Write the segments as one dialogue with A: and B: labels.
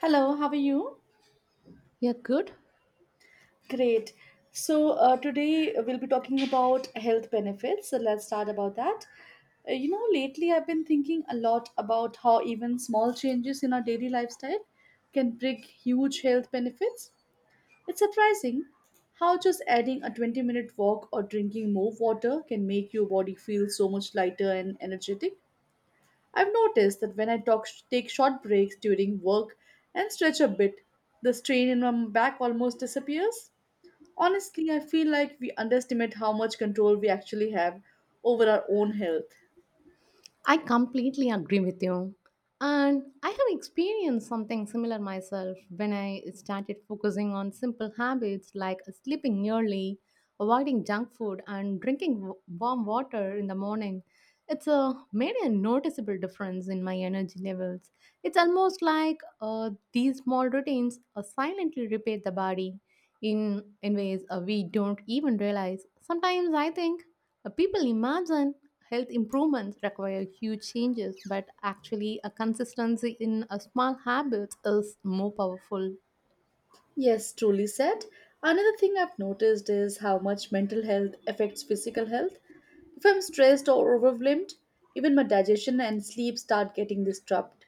A: Hello, how are you?
B: Yeah, good.
A: Great. So today we'll be talking about health benefits. So let's start about that. Lately I've been thinking a lot about how even small changes in our daily lifestyle can bring huge health benefits. It's surprising how just adding a 20-minute walk or drinking more water can make your body feel so much lighter and energetic. I've noticed that when I take short breaks during work and stretch a bit, the strain in my back almost disappears. Honestly, I feel like we underestimate how much control we actually have over our own health.
B: I completely agree with you. And I have experienced something similar myself when I started focusing on simple habits like sleeping early, avoiding junk food, and drinking warm water in the morning. Made a noticeable difference in my energy levels. It's almost like these small routines silently repair the body in ways we don't even realize. Sometimes I think people imagine health improvements require huge changes, but actually, a consistency in a small habits is more powerful.
A: Yes, truly said. Another thing I've noticed is how much mental health affects physical health. If I'm stressed or overwhelmed, even my digestion and sleep start getting disturbed.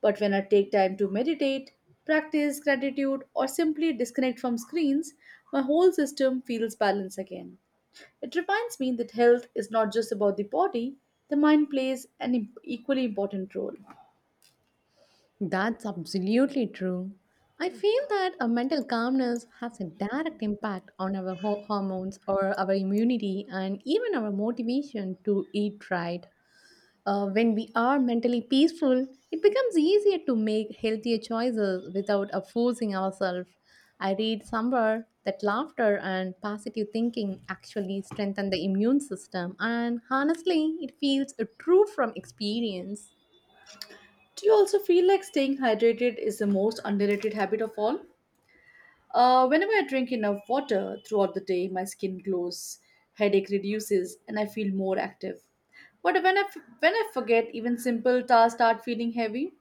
A: But when I take time to meditate, practice gratitude, or simply disconnect from screens, my whole system feels balanced again. It reminds me that health is not just about the body, the mind plays an equally important role.
B: That's absolutely true. I feel that a mental calmness has a direct impact on our hormones or our immunity and even our motivation to eat right. When we are mentally peaceful, it becomes easier to make healthier choices without forcing ourselves. I read somewhere that laughter and positive thinking actually strengthen the immune system, and honestly, it feels true from experience.
A: Do you also feel like staying hydrated is the most underrated habit of all? Whenever I drink enough water throughout the day, my skin glows, headache reduces, and I feel more active. But when I forget, even simple tasks start feeling heavy.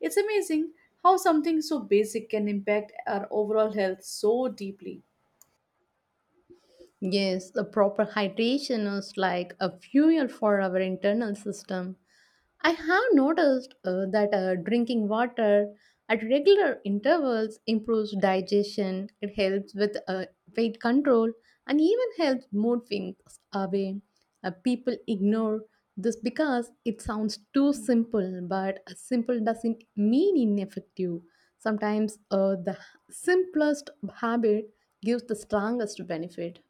A: It's amazing how something so basic can impact our overall health so deeply.
B: Yes, the proper hydration is like a fuel for our internal system. I have noticed that drinking water at regular intervals improves digestion, it helps with weight control, and even helps mood swings away. People ignore this because it sounds too simple, but simple doesn't mean ineffective. Sometimes the simplest habit gives the strongest benefit.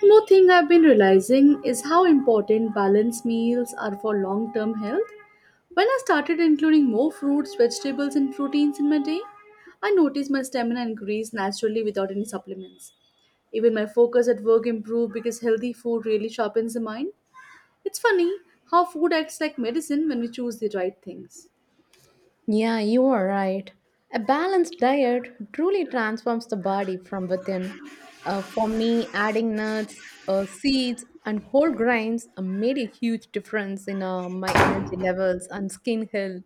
A: One more thing I've been realizing is how important balanced meals are for long term health. When I started including more fruits, vegetables, and proteins in my day, I noticed my stamina increased naturally without any supplements. Even my focus at work improved because healthy food really sharpens the mind. It's funny how food acts like medicine when we choose the right things.
B: Yeah, you are right. A balanced diet truly transforms the body from within. For me, adding nuts, seeds, and whole grains made a huge difference in my energy levels and skin health.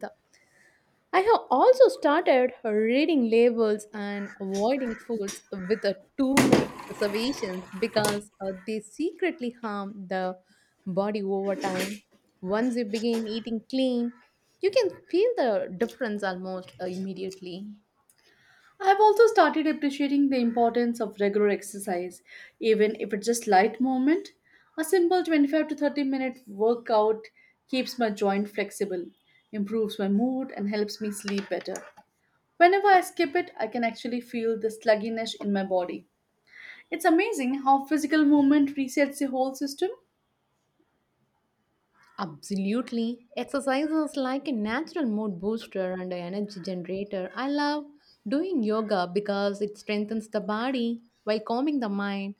B: I have also started reading labels and avoiding foods with too many reservations because they secretly harm the body over time. Once you begin eating clean, you can feel the difference almost immediately.
A: I've also started appreciating the importance of regular exercise, even if it's just light movement. A simple 25 to 30 minute workout keeps my joint flexible, improves my mood, and helps me sleep better. Whenever I skip it, I can actually feel the slugginess in my body. It's amazing how physical movement resets the whole system.
B: Absolutely. Exercise is like a natural mood booster and an energy generator. I love doing yoga because it strengthens the body while calming the mind,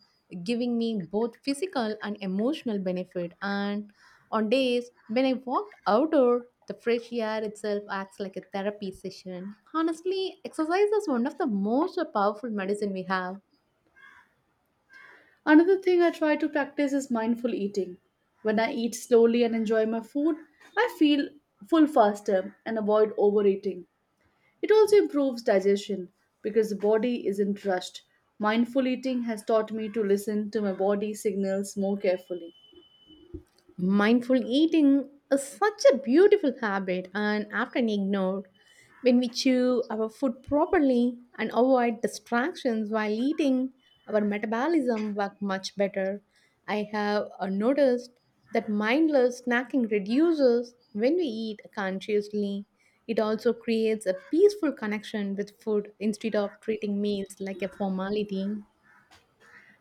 B: giving me both physical and emotional benefit. And on days when I walked outdoor, the fresh air itself acts like a therapy session. Honestly, exercise is one of the most powerful medicine we have.
A: Another thing I try to practice is mindful eating. When I eat slowly and enjoy my food, I feel full faster and avoid overeating. It also improves digestion because the body isn't rushed. Mindful eating has taught me to listen to my body signals more carefully.
B: Mindful eating is such a beautiful habit and often ignored. When we chew our food properly and avoid distractions while eating, our metabolism works much better. I have noticed that mindless snacking reduces when we eat consciously. It also creates a peaceful connection with food instead of treating meals like a formality.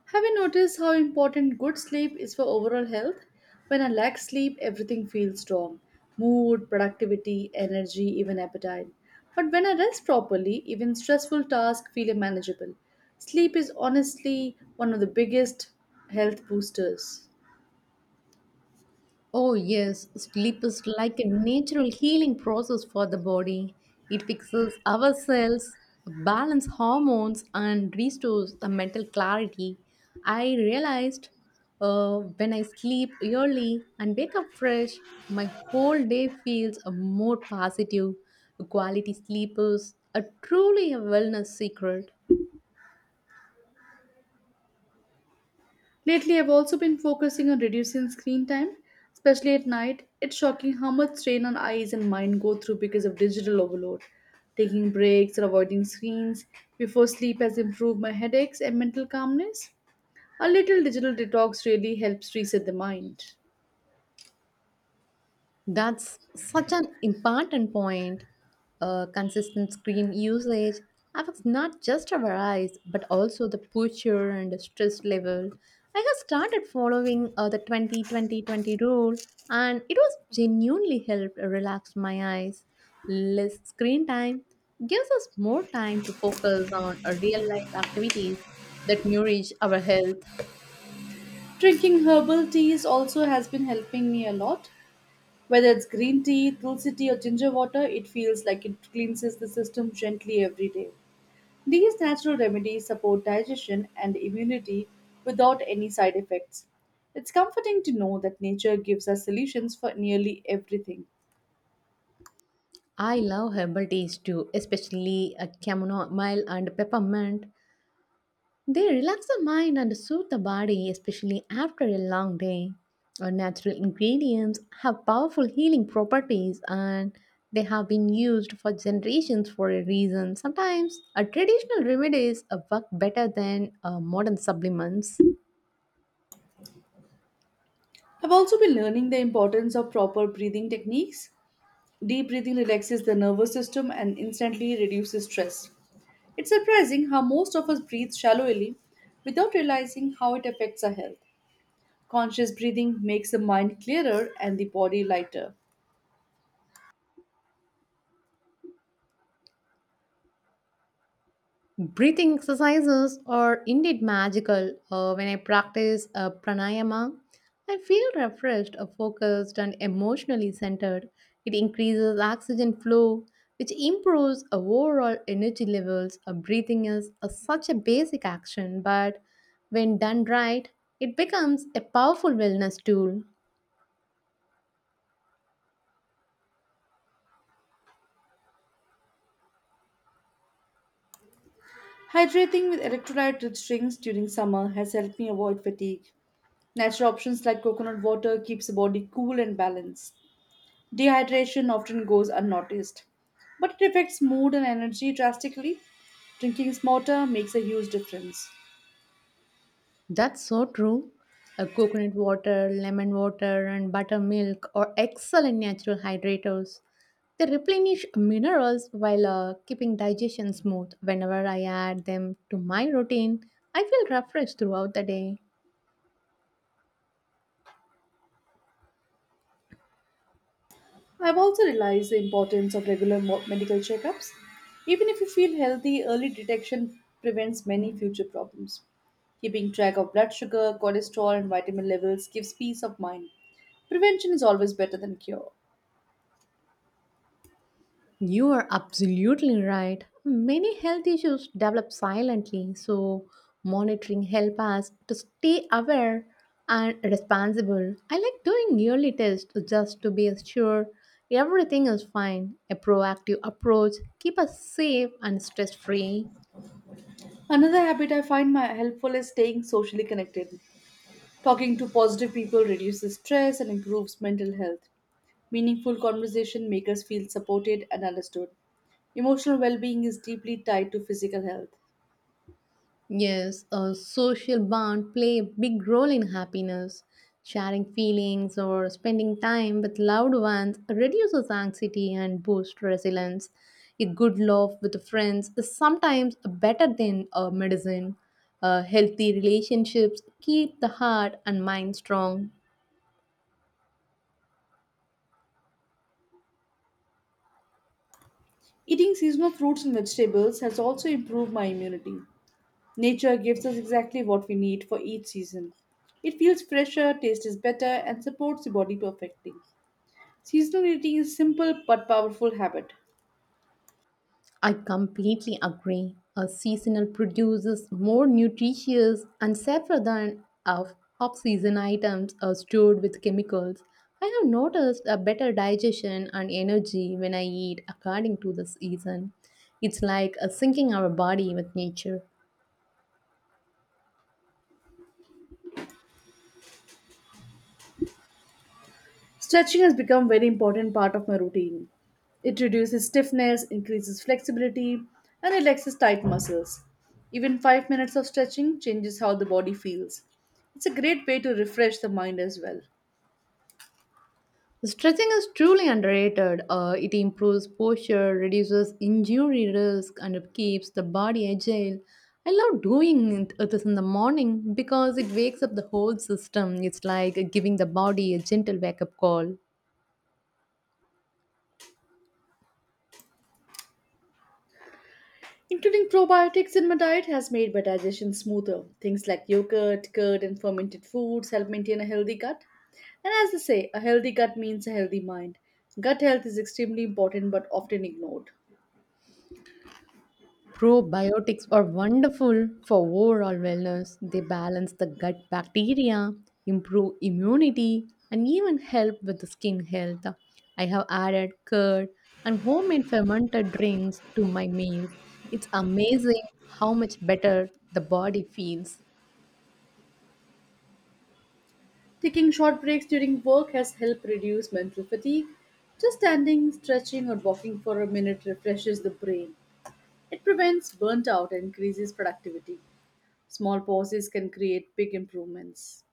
A: Have you noticed how important good sleep is for overall health? When I lack sleep, everything feels wrong mood, productivity, energy, even appetite. But when I rest properly, even stressful tasks feel manageable. Sleep is honestly one of the biggest health boosters.
B: Oh, yes, sleep is like a natural healing process for the body. It fixes our cells, balances hormones, and restores the mental clarity. I realized when I sleep early and wake up fresh, my whole day feels more positive. Quality sleep is a truly a wellness secret.
A: Lately, I've also been focusing on reducing screen time, especially at night. It's shocking how much strain on eyes and mind go through because of digital overload. Taking breaks and avoiding screens before sleep has improved my headaches and mental calmness. A little digital detox really helps reset the mind.
B: That's such an important point. Consistent screen usage affects not just our eyes, but also the posture and the stress level. I have started following the 20-20-20 rule, and it was genuinely helped relax my eyes. Less screen time gives us more time to focus on real life activities that nourish our health.
A: Drinking herbal teas also has been helping me a lot. Whether it's green tea, tulsi tea, or ginger water, it feels like it cleanses the system gently every day. These natural remedies support digestion and immunity without any side effects. It's comforting to know that nature gives us solutions for nearly everything.
B: I love herbal teas too, especially chamomile and peppermint. They relax the mind and soothe the body, especially after a long day. Our natural ingredients have powerful healing properties and they have been used for generations for a reason. Sometimes, our traditional remedies work better than modern supplements.
A: I've also been learning the importance of proper breathing techniques. Deep breathing relaxes the nervous system and instantly reduces stress. It's surprising how most of us breathe shallowly without realizing how it affects our health. Conscious breathing makes the mind clearer and the body lighter.
B: Breathing exercises are indeed magical. When I practice pranayama, I feel refreshed, focused, and emotionally centered. It increases oxygen flow, which improves overall energy levels. Breathing is such a basic action, but when done right, it becomes a powerful wellness tool.
A: Hydrating with electrolyte rich drinks during summer has helped me avoid fatigue. Natural options like coconut water keeps the body cool and balanced. Dehydration often goes unnoticed, but it affects mood and energy drastically. Drinking smarter makes a huge difference.
B: That's so true. A coconut water, lemon water, and buttermilk are excellent natural hydrators. They replenish minerals while keeping digestion smooth. Whenever I add them to my routine, I feel refreshed throughout the day.
A: I've also realized the importance of regular medical checkups. Even if you feel healthy, early detection prevents many future problems. Keeping track of blood sugar, cholesterol, and vitamin levels gives peace of mind. Prevention is always better than cure.
B: You are absolutely right. Many health issues develop silently, so monitoring help us to stay aware and responsible. I like doing yearly tests just to be sure everything is fine. A proactive approach keep us safe and stress free.
A: Another habit I find my helpful is staying socially connected. Talking to positive people reduces stress and improves mental health. Meaningful conversation makes us feel supported and understood. Emotional well being is deeply tied to physical health.
B: Yes, a social bond play a big role in happiness. Sharing feelings or spending time with loved ones reduces anxiety and boosts resilience. A good laugh with friends is sometimes better than a medicine. Healthy relationships keep the heart and mind strong.
A: Eating seasonal fruits and vegetables has also improved my immunity. Nature gives us exactly what we need for each season. It feels fresher, taste is better, and supports the body perfectly. Seasonal eating is a simple but powerful habit.
B: I completely agree. A seasonal produces more nutritious and safer than of off-season items are stored with chemicals. I have noticed a better digestion and energy when I eat according to the season. It's like a syncing our body with nature.
A: Stretching has become a very important part of my routine. It reduces stiffness, increases flexibility, and relaxes tight muscles. Even 5 minutes of stretching changes how the body feels. It's a great way to refresh the mind as well.
B: Stretching is truly underrated. It improves posture, reduces injury risk, and keeps the body agile. I love doing it this in the morning because it wakes up the whole system. It's like giving the body a gentle wake up call.
A: Including probiotics in my diet has made my digestion smoother. Things like yogurt, curd, and fermented foods help maintain a healthy gut. And as they say, a healthy gut means a healthy mind. Gut health is extremely important but often ignored.
B: Probiotics are wonderful for overall wellness. They balance the gut bacteria, improve immunity, and even help with the skin health. I have added curd and homemade fermented drinks to my meals. It's amazing how much better the body feels.
A: Taking short breaks during work has helped reduce mental fatigue. Just standing, stretching, or walking for a minute refreshes the brain. It prevents burnt out and increases productivity. Small pauses can create big improvements.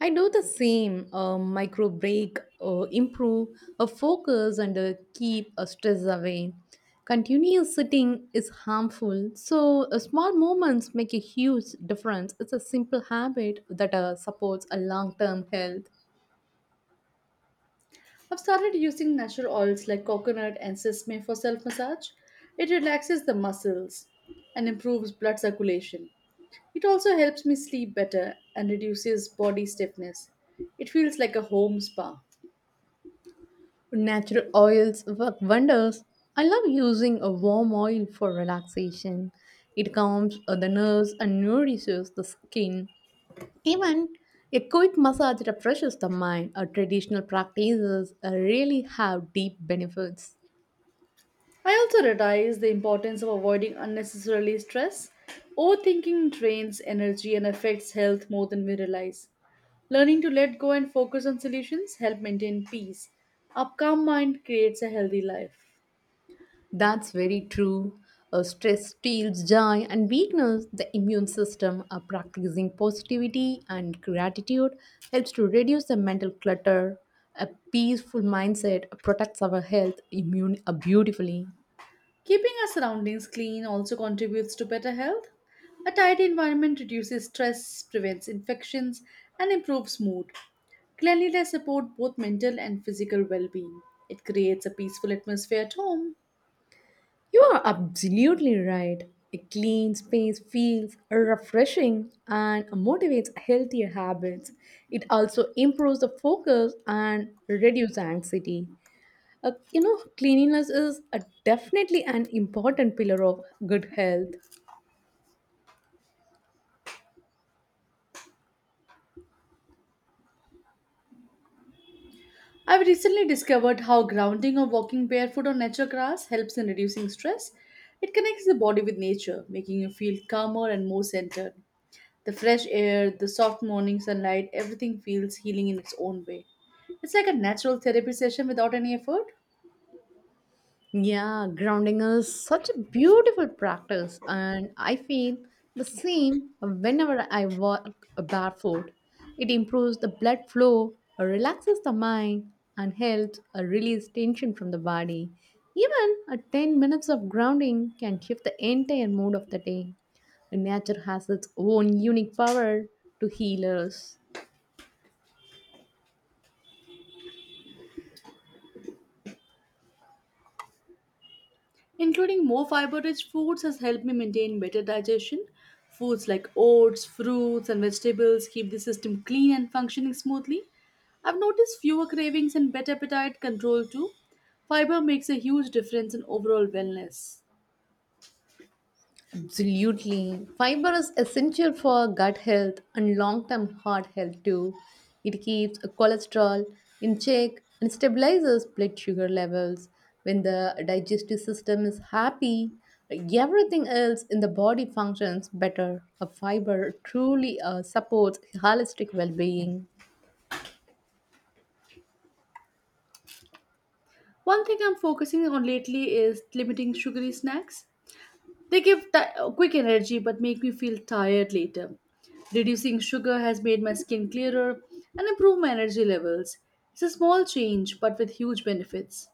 B: I do the same micro break, improve a focus, and keep a stress away. Continuous sitting is harmful, so small movements make a huge difference. It's a simple habit that supports a long-term health.
A: I've started using natural oils like coconut and sesame for self massage. It relaxes the muscles and improves blood circulation. It also helps me sleep better and reduces body stiffness. It feels like a home spa.
B: Natural oils work wonders. I love using a warm oil for relaxation. It calms the nerves and nourishes the skin. Even a quick massage refreshes the mind. Our traditional practices really have deep benefits.
A: I also realize the importance of avoiding unnecessarily stress. Overthinking drains energy and affects health more than we realize. Learning to let go and focus on solutions help maintain peace. A calm mind creates a healthy life.
B: That's very true. Stress steals joy and weakness. The immune system are practicing positivity and gratitude helps to reduce the mental clutter. A peaceful mindset protects our health immune beautifully.
A: Keeping our surroundings clean also contributes to better health. A tidy environment reduces stress, prevents infections, and improves mood. Cleanliness supports both mental and physical well being. It creates a peaceful atmosphere at home.
B: You are absolutely right. A clean space feels refreshing and motivates healthier habits. It also improves the focus and reduces anxiety. Cleanliness is definitely an important pillar of good health.
A: I've recently discovered how grounding or walking barefoot on natural grass helps in reducing stress. It connects the body with nature, making you feel calmer and more centered. The fresh air, the soft morning sunlight, everything feels healing in its own way. It's like a natural therapy session without any effort.
B: Yeah, grounding is such a beautiful practice, and I feel the same whenever I walk barefoot. It improves the blood flow, relaxes the mind, and helps release tension from the body. Even a 10 minutes of grounding can shift the entire mood of the day. Nature has its own unique power to heal us.
A: Including more fiber rich foods has helped me maintain better digestion. Foods like oats, fruits, and vegetables keep the system clean and functioning smoothly. I've noticed fewer cravings and better appetite control too. Fiber makes a huge difference in overall wellness.
B: Absolutely. Fiber is essential for gut health and long term heart health too. It keeps cholesterol in check and stabilizes blood sugar levels. When the digestive system is happy, everything else in the body functions better. A fiber truly supports holistic well being.
A: One thing I'm focusing on lately is limiting sugary snacks. They give quick energy but make me feel tired later. Reducing sugar has made my skin clearer and improved my energy levels. It's a small change but with huge benefits.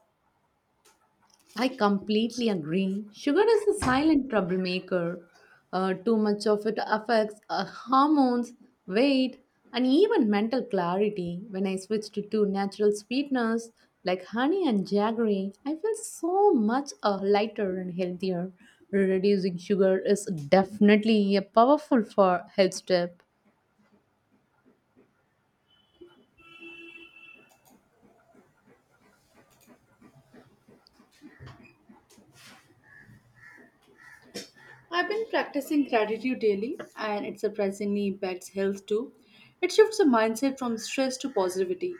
B: I completely agree. Sugar is a silent troublemaker. Too much of it affects hormones, weight, and even mental clarity. When I switched to two natural sweeteners like honey and jaggery, I feel so much lighter and healthier. Reducing sugar is definitely a powerful for health step.
A: I've been practicing gratitude daily and it surprisingly impacts health too. It shifts the mindset from stress to positivity,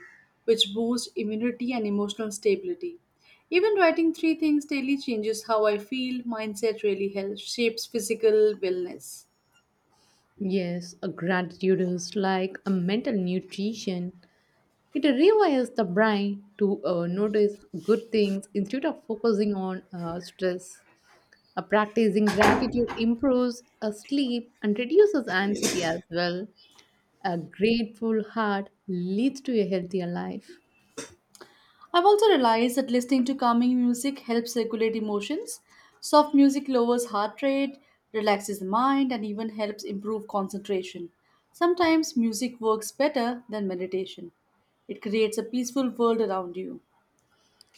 A: which boosts immunity and emotional stability. Even writing three things daily changes how I feel. Mindset really helps, shapes physical wellness.
B: Yes, a gratitude is like a mental nutrition. It rewires the brain to notice good things instead of focusing on stress. Practicing gratitude improves sleep and reduces anxiety as well. A grateful heart leads to a healthier life.
A: I've also realized that listening to calming music helps regulate emotions. Soft music lowers heart rate, relaxes the mind, and even helps improve concentration. Sometimes music works better than meditation. It creates a peaceful world around you.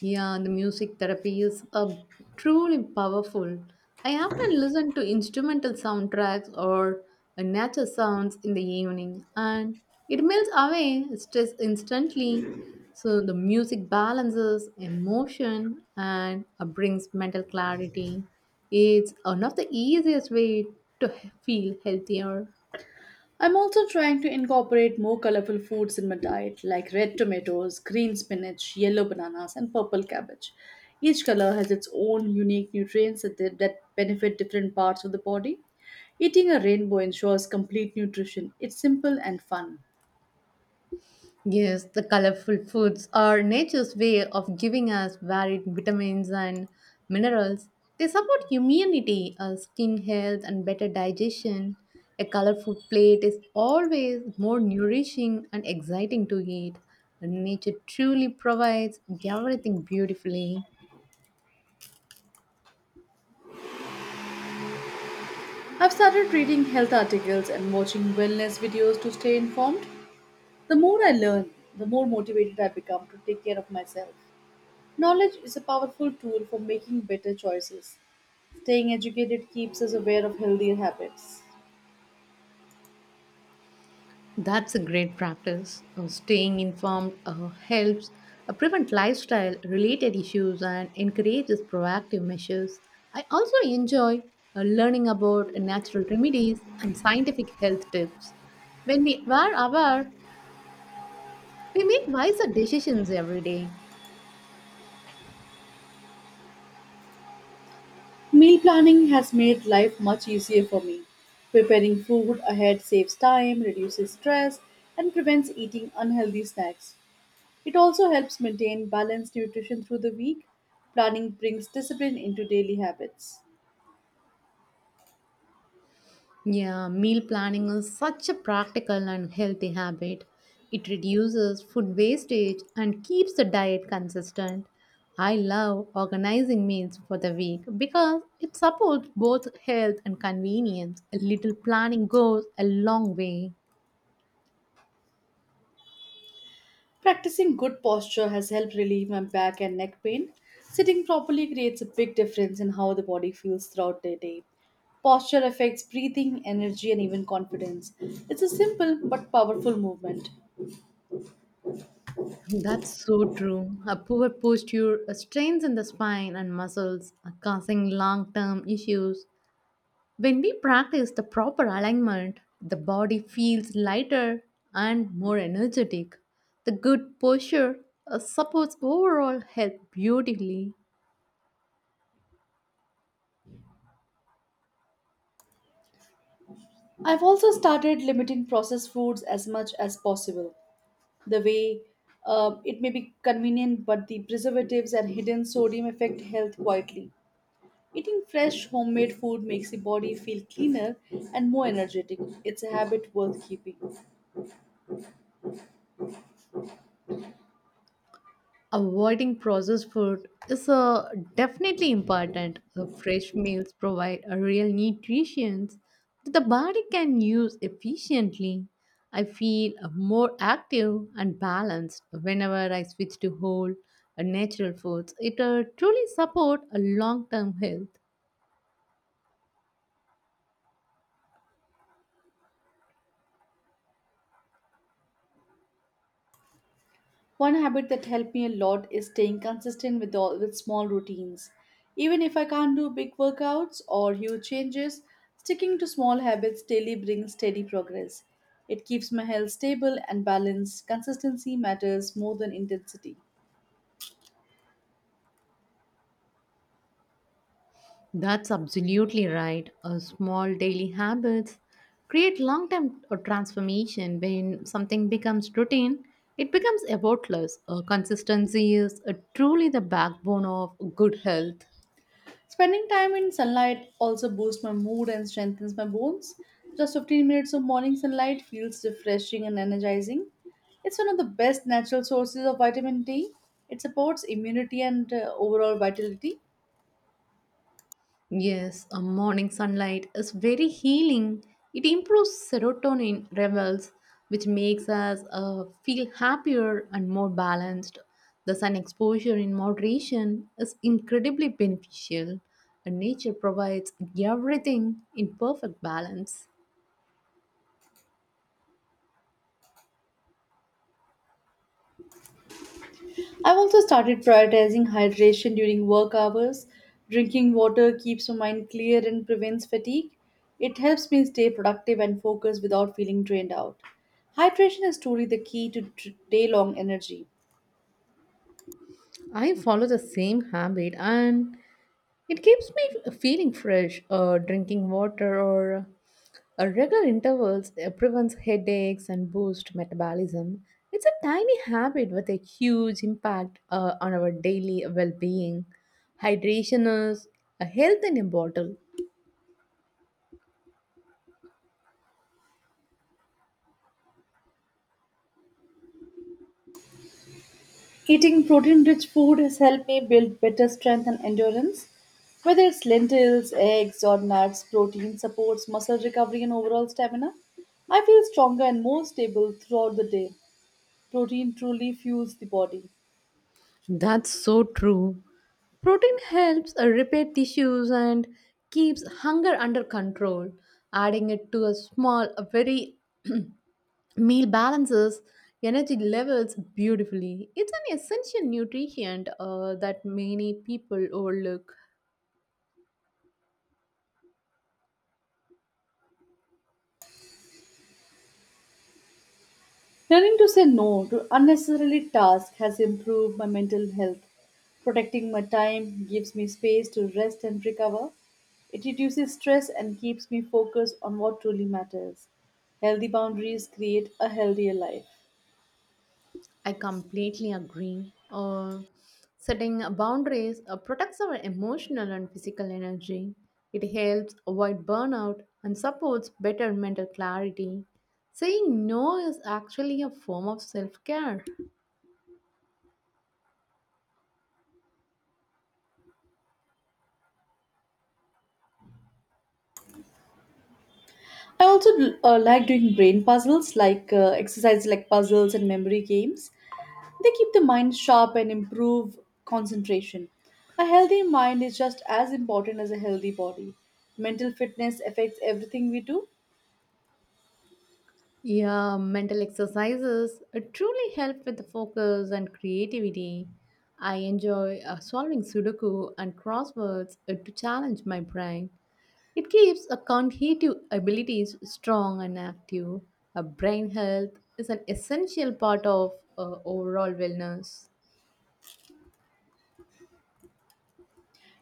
B: Yeah, the music therapy is a truly powerful. I often listen to instrumental soundtracks or nature sounds in the evening, and it melts away stress instantly. So the music balances emotion and brings mental clarity. It's one of the easiest way to feel healthier.
A: I'm also trying to incorporate more colorful foods in my diet, like red tomatoes, green spinach, yellow bananas, and purple cabbage. Each color has its own unique nutrients that benefit different parts of the body. Eating a rainbow ensures complete nutrition. It's simple and fun.
B: Yes, the colorful foods are nature's way of giving us varied vitamins and minerals. They support immunity, skin health, and better digestion. A colorful plate is always more nourishing and exciting to eat. Nature truly provides everything beautifully.
A: I've started reading health articles and watching wellness videos to stay informed. The more I learn, the more motivated I become to take care of myself. Knowledge is a powerful tool for making better choices. Staying educated keeps us aware of healthier habits.
B: That's a great practice. Staying informed helps prevent lifestyle related issues and encourages proactive measures. I also enjoy learning about natural remedies and scientific health tips. When we are aware, we make wiser decisions every day.
A: Meal planning has made life much easier for me. Preparing food ahead saves time, reduces stress, and prevents eating unhealthy snacks. It also helps maintain balanced nutrition through the week. Planning brings discipline into daily habits.
B: Yeah, meal planning is such a practical and healthy habit. It reduces food wastage and keeps the diet consistent. I love organizing meals for the week because it supports both health and convenience. A little planning goes a long way.
A: Practicing good posture has helped relieve my back and neck pain. Sitting properly creates a big difference in how the body feels throughout the day. Posture affects breathing, energy, and even confidence. It's a simple but powerful movement.
B: That's so true. A poor posture strains in the spine and muscles, causing long term issues. When we practice the proper alignment, the body feels lighter and more energetic. The good posture supports overall health beautifully.
A: I've also started limiting processed foods as much as possible. The way It may be convenient, but the preservatives and hidden sodium affect health quietly. Eating fresh homemade food makes the body feel cleaner and more energetic. It's a habit worth keeping.
B: Avoiding processed food is definitely important. The fresh meals provide a real nutrition that the body can use efficiently. I feel more active and balanced whenever I switch to whole natural foods. It truly support a long-term health.
A: One habit that helped me a lot is staying consistent with all with small routines. Even if I can't do big workouts or huge changes, sticking to small habits daily brings steady progress. It keeps my health stable and balanced. Consistency matters more than intensity.
B: That's absolutely right. A small daily habits create long-term transformation. When something becomes routine, it becomes effortless. Consistency is truly the backbone of good health.
A: Spending time in sunlight also boosts my mood and strengthens my bones. Just 15 minutes of morning sunlight feels refreshing and energizing. It's one of the best natural sources of vitamin D. It supports immunity and overall vitality.
B: Yes, a morning sunlight is very healing. It improves serotonin levels, which makes us feel happier and more balanced. The sun exposure in moderation is incredibly beneficial, and nature provides everything in perfect balance.
A: I've also started prioritizing hydration during work hours. Drinking water keeps my mind clear and prevents fatigue. It helps me stay productive and focused without feeling drained out. Hydration is truly the key to day long energy.
B: I follow the same habit, and it keeps me feeling fresh, drinking water or regular intervals prevents headaches and boosts metabolism. It's a tiny habit with a huge impact on our daily well-being. Hydration is a health in a bottle.
A: Eating protein-rich food has helped me build better strength and endurance. Whether it's lentils, eggs, or nuts, protein supports muscle recovery and overall stamina. I feel stronger and more stable throughout the day. Protein truly fuels the body.
B: That's so true. Protein helps repair tissues and keeps hunger under control. Adding it to a small, a very meal balances energy levels beautifully. It's an essential nutrient that many people overlook.
A: Learning to say no to unnecessary tasks has improved my mental health. Protecting my time gives me space to rest and recover. It reduces stress and keeps me focused on what truly matters. Healthy boundaries create a healthier life.
B: I completely agree. Setting boundaries protects our emotional and physical energy. It helps avoid burnout and supports better mental clarity. Saying no is actually a form of self care.
A: I also like exercises like puzzles and memory games. They keep the mind sharp and improve concentration. A healthy mind is just as important as a healthy body. Mental fitness affects everything we do,
B: Yeah, mental exercises truly help with the focus and creativity. I enjoy solving Sudoku and crosswords to challenge my brain. It keeps a cognitive abilities strong and active. A brain health is an essential part of overall wellness.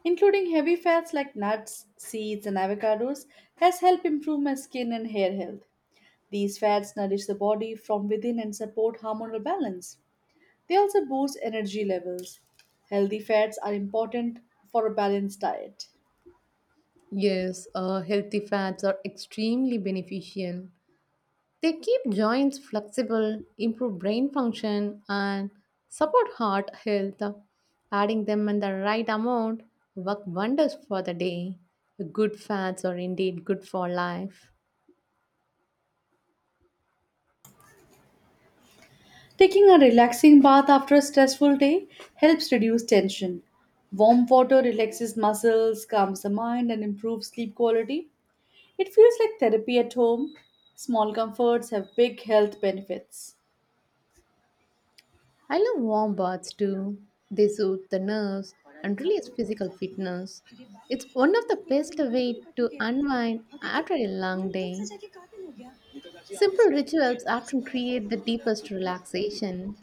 A: including heavy fats like nuts, seeds, and avocados, has helped improve my skin and hair health. These fats nourish the body from within and support hormonal balance. They also boost energy levels. Healthy fats are important for a balanced diet.
B: Yes, healthy fats are extremely beneficial. They keep joints flexible, improve brain function, and support heart health. Adding them in the right amount work wonders for the day. Good fats are indeed good for life.
A: Taking a relaxing bath after a stressful day helps reduce tension. Warm water relaxes muscles, calms the mind, and improves sleep quality. It feels like therapy at home. Small comforts have big health benefits.
B: I love warm baths too. They soothe the nerves and release physical fitness. It's one of the best way to unwind after a long day. Simple rituals often create the deepest relaxation.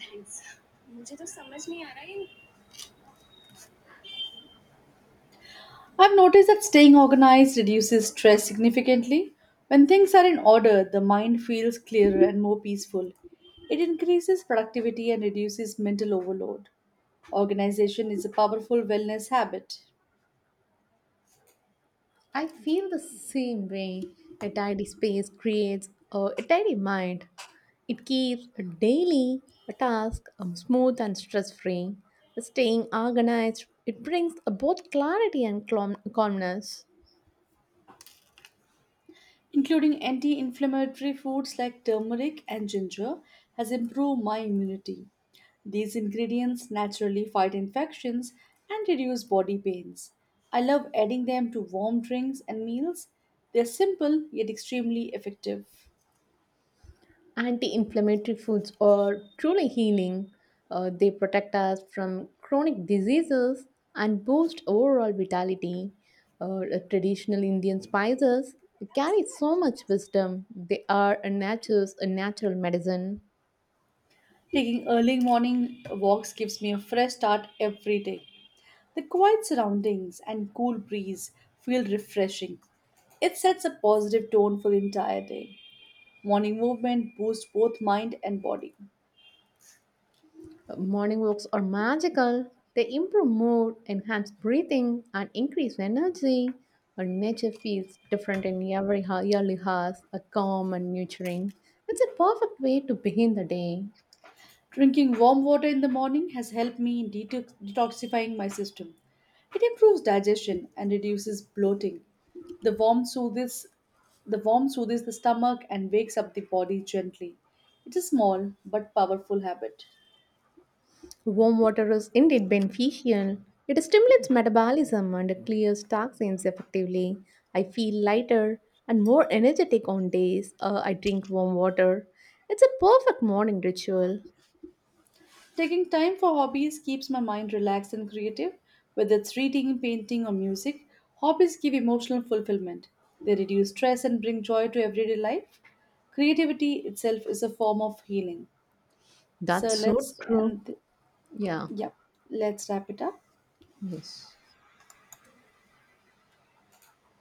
A: I've noticed that staying organized reduces stress significantly. When things are in order, the mind feels clearer and more peaceful. It increases productivity and reduces mental overload. Organization is a powerful wellness habit.
B: I feel the same way. A tidy space creates a tidy mind. It keeps a daily task smooth and stress free. Staying organized, it brings both clarity and calmness.
A: Including anti inflammatory foods like turmeric and ginger, has improved my immunity. These ingredients naturally fight infections and reduce body pains. I love adding them to warm drinks and meals. They're simple yet extremely effective.
B: Anti-inflammatory foods are truly healing. They protect us from chronic diseases and boost overall vitality. Uh, Traditional Indian spices carry so much wisdom. They are a nature's a natural medicine.
A: Taking early morning walks gives me a fresh start every day. The quiet surroundings and cool breeze feel refreshing. It sets a positive tone for the entire day. Morning movement boosts both mind and body.
B: Morning walks are magical. They improve mood, enhance breathing, and increase energy. Our nature feels different in every yearly house, a calm and nurturing. It's a perfect way to begin the day.
A: Drinking warm water in the morning has helped me in detoxifying my system. It improves digestion and reduces bloating. The warm soothes the warm soothes the stomach and wakes up the body gently. It's a small but powerful habit.
B: Warm water is indeed beneficial. It stimulates metabolism and clears toxins effectively. I feel lighter and more energetic on days I drink warm water. It's a perfect morning ritual.
A: Taking time for hobbies keeps my mind relaxed and creative. Whether it's reading, painting, or music, hobbies give emotional fulfillment. They reduce stress and bring joy to everyday life. Creativity itself is a form of healing. So
B: That's so
A: let's
B: true.
A: and
B: Yeah.
A: Yeah, let's wrap it up.
B: Yes.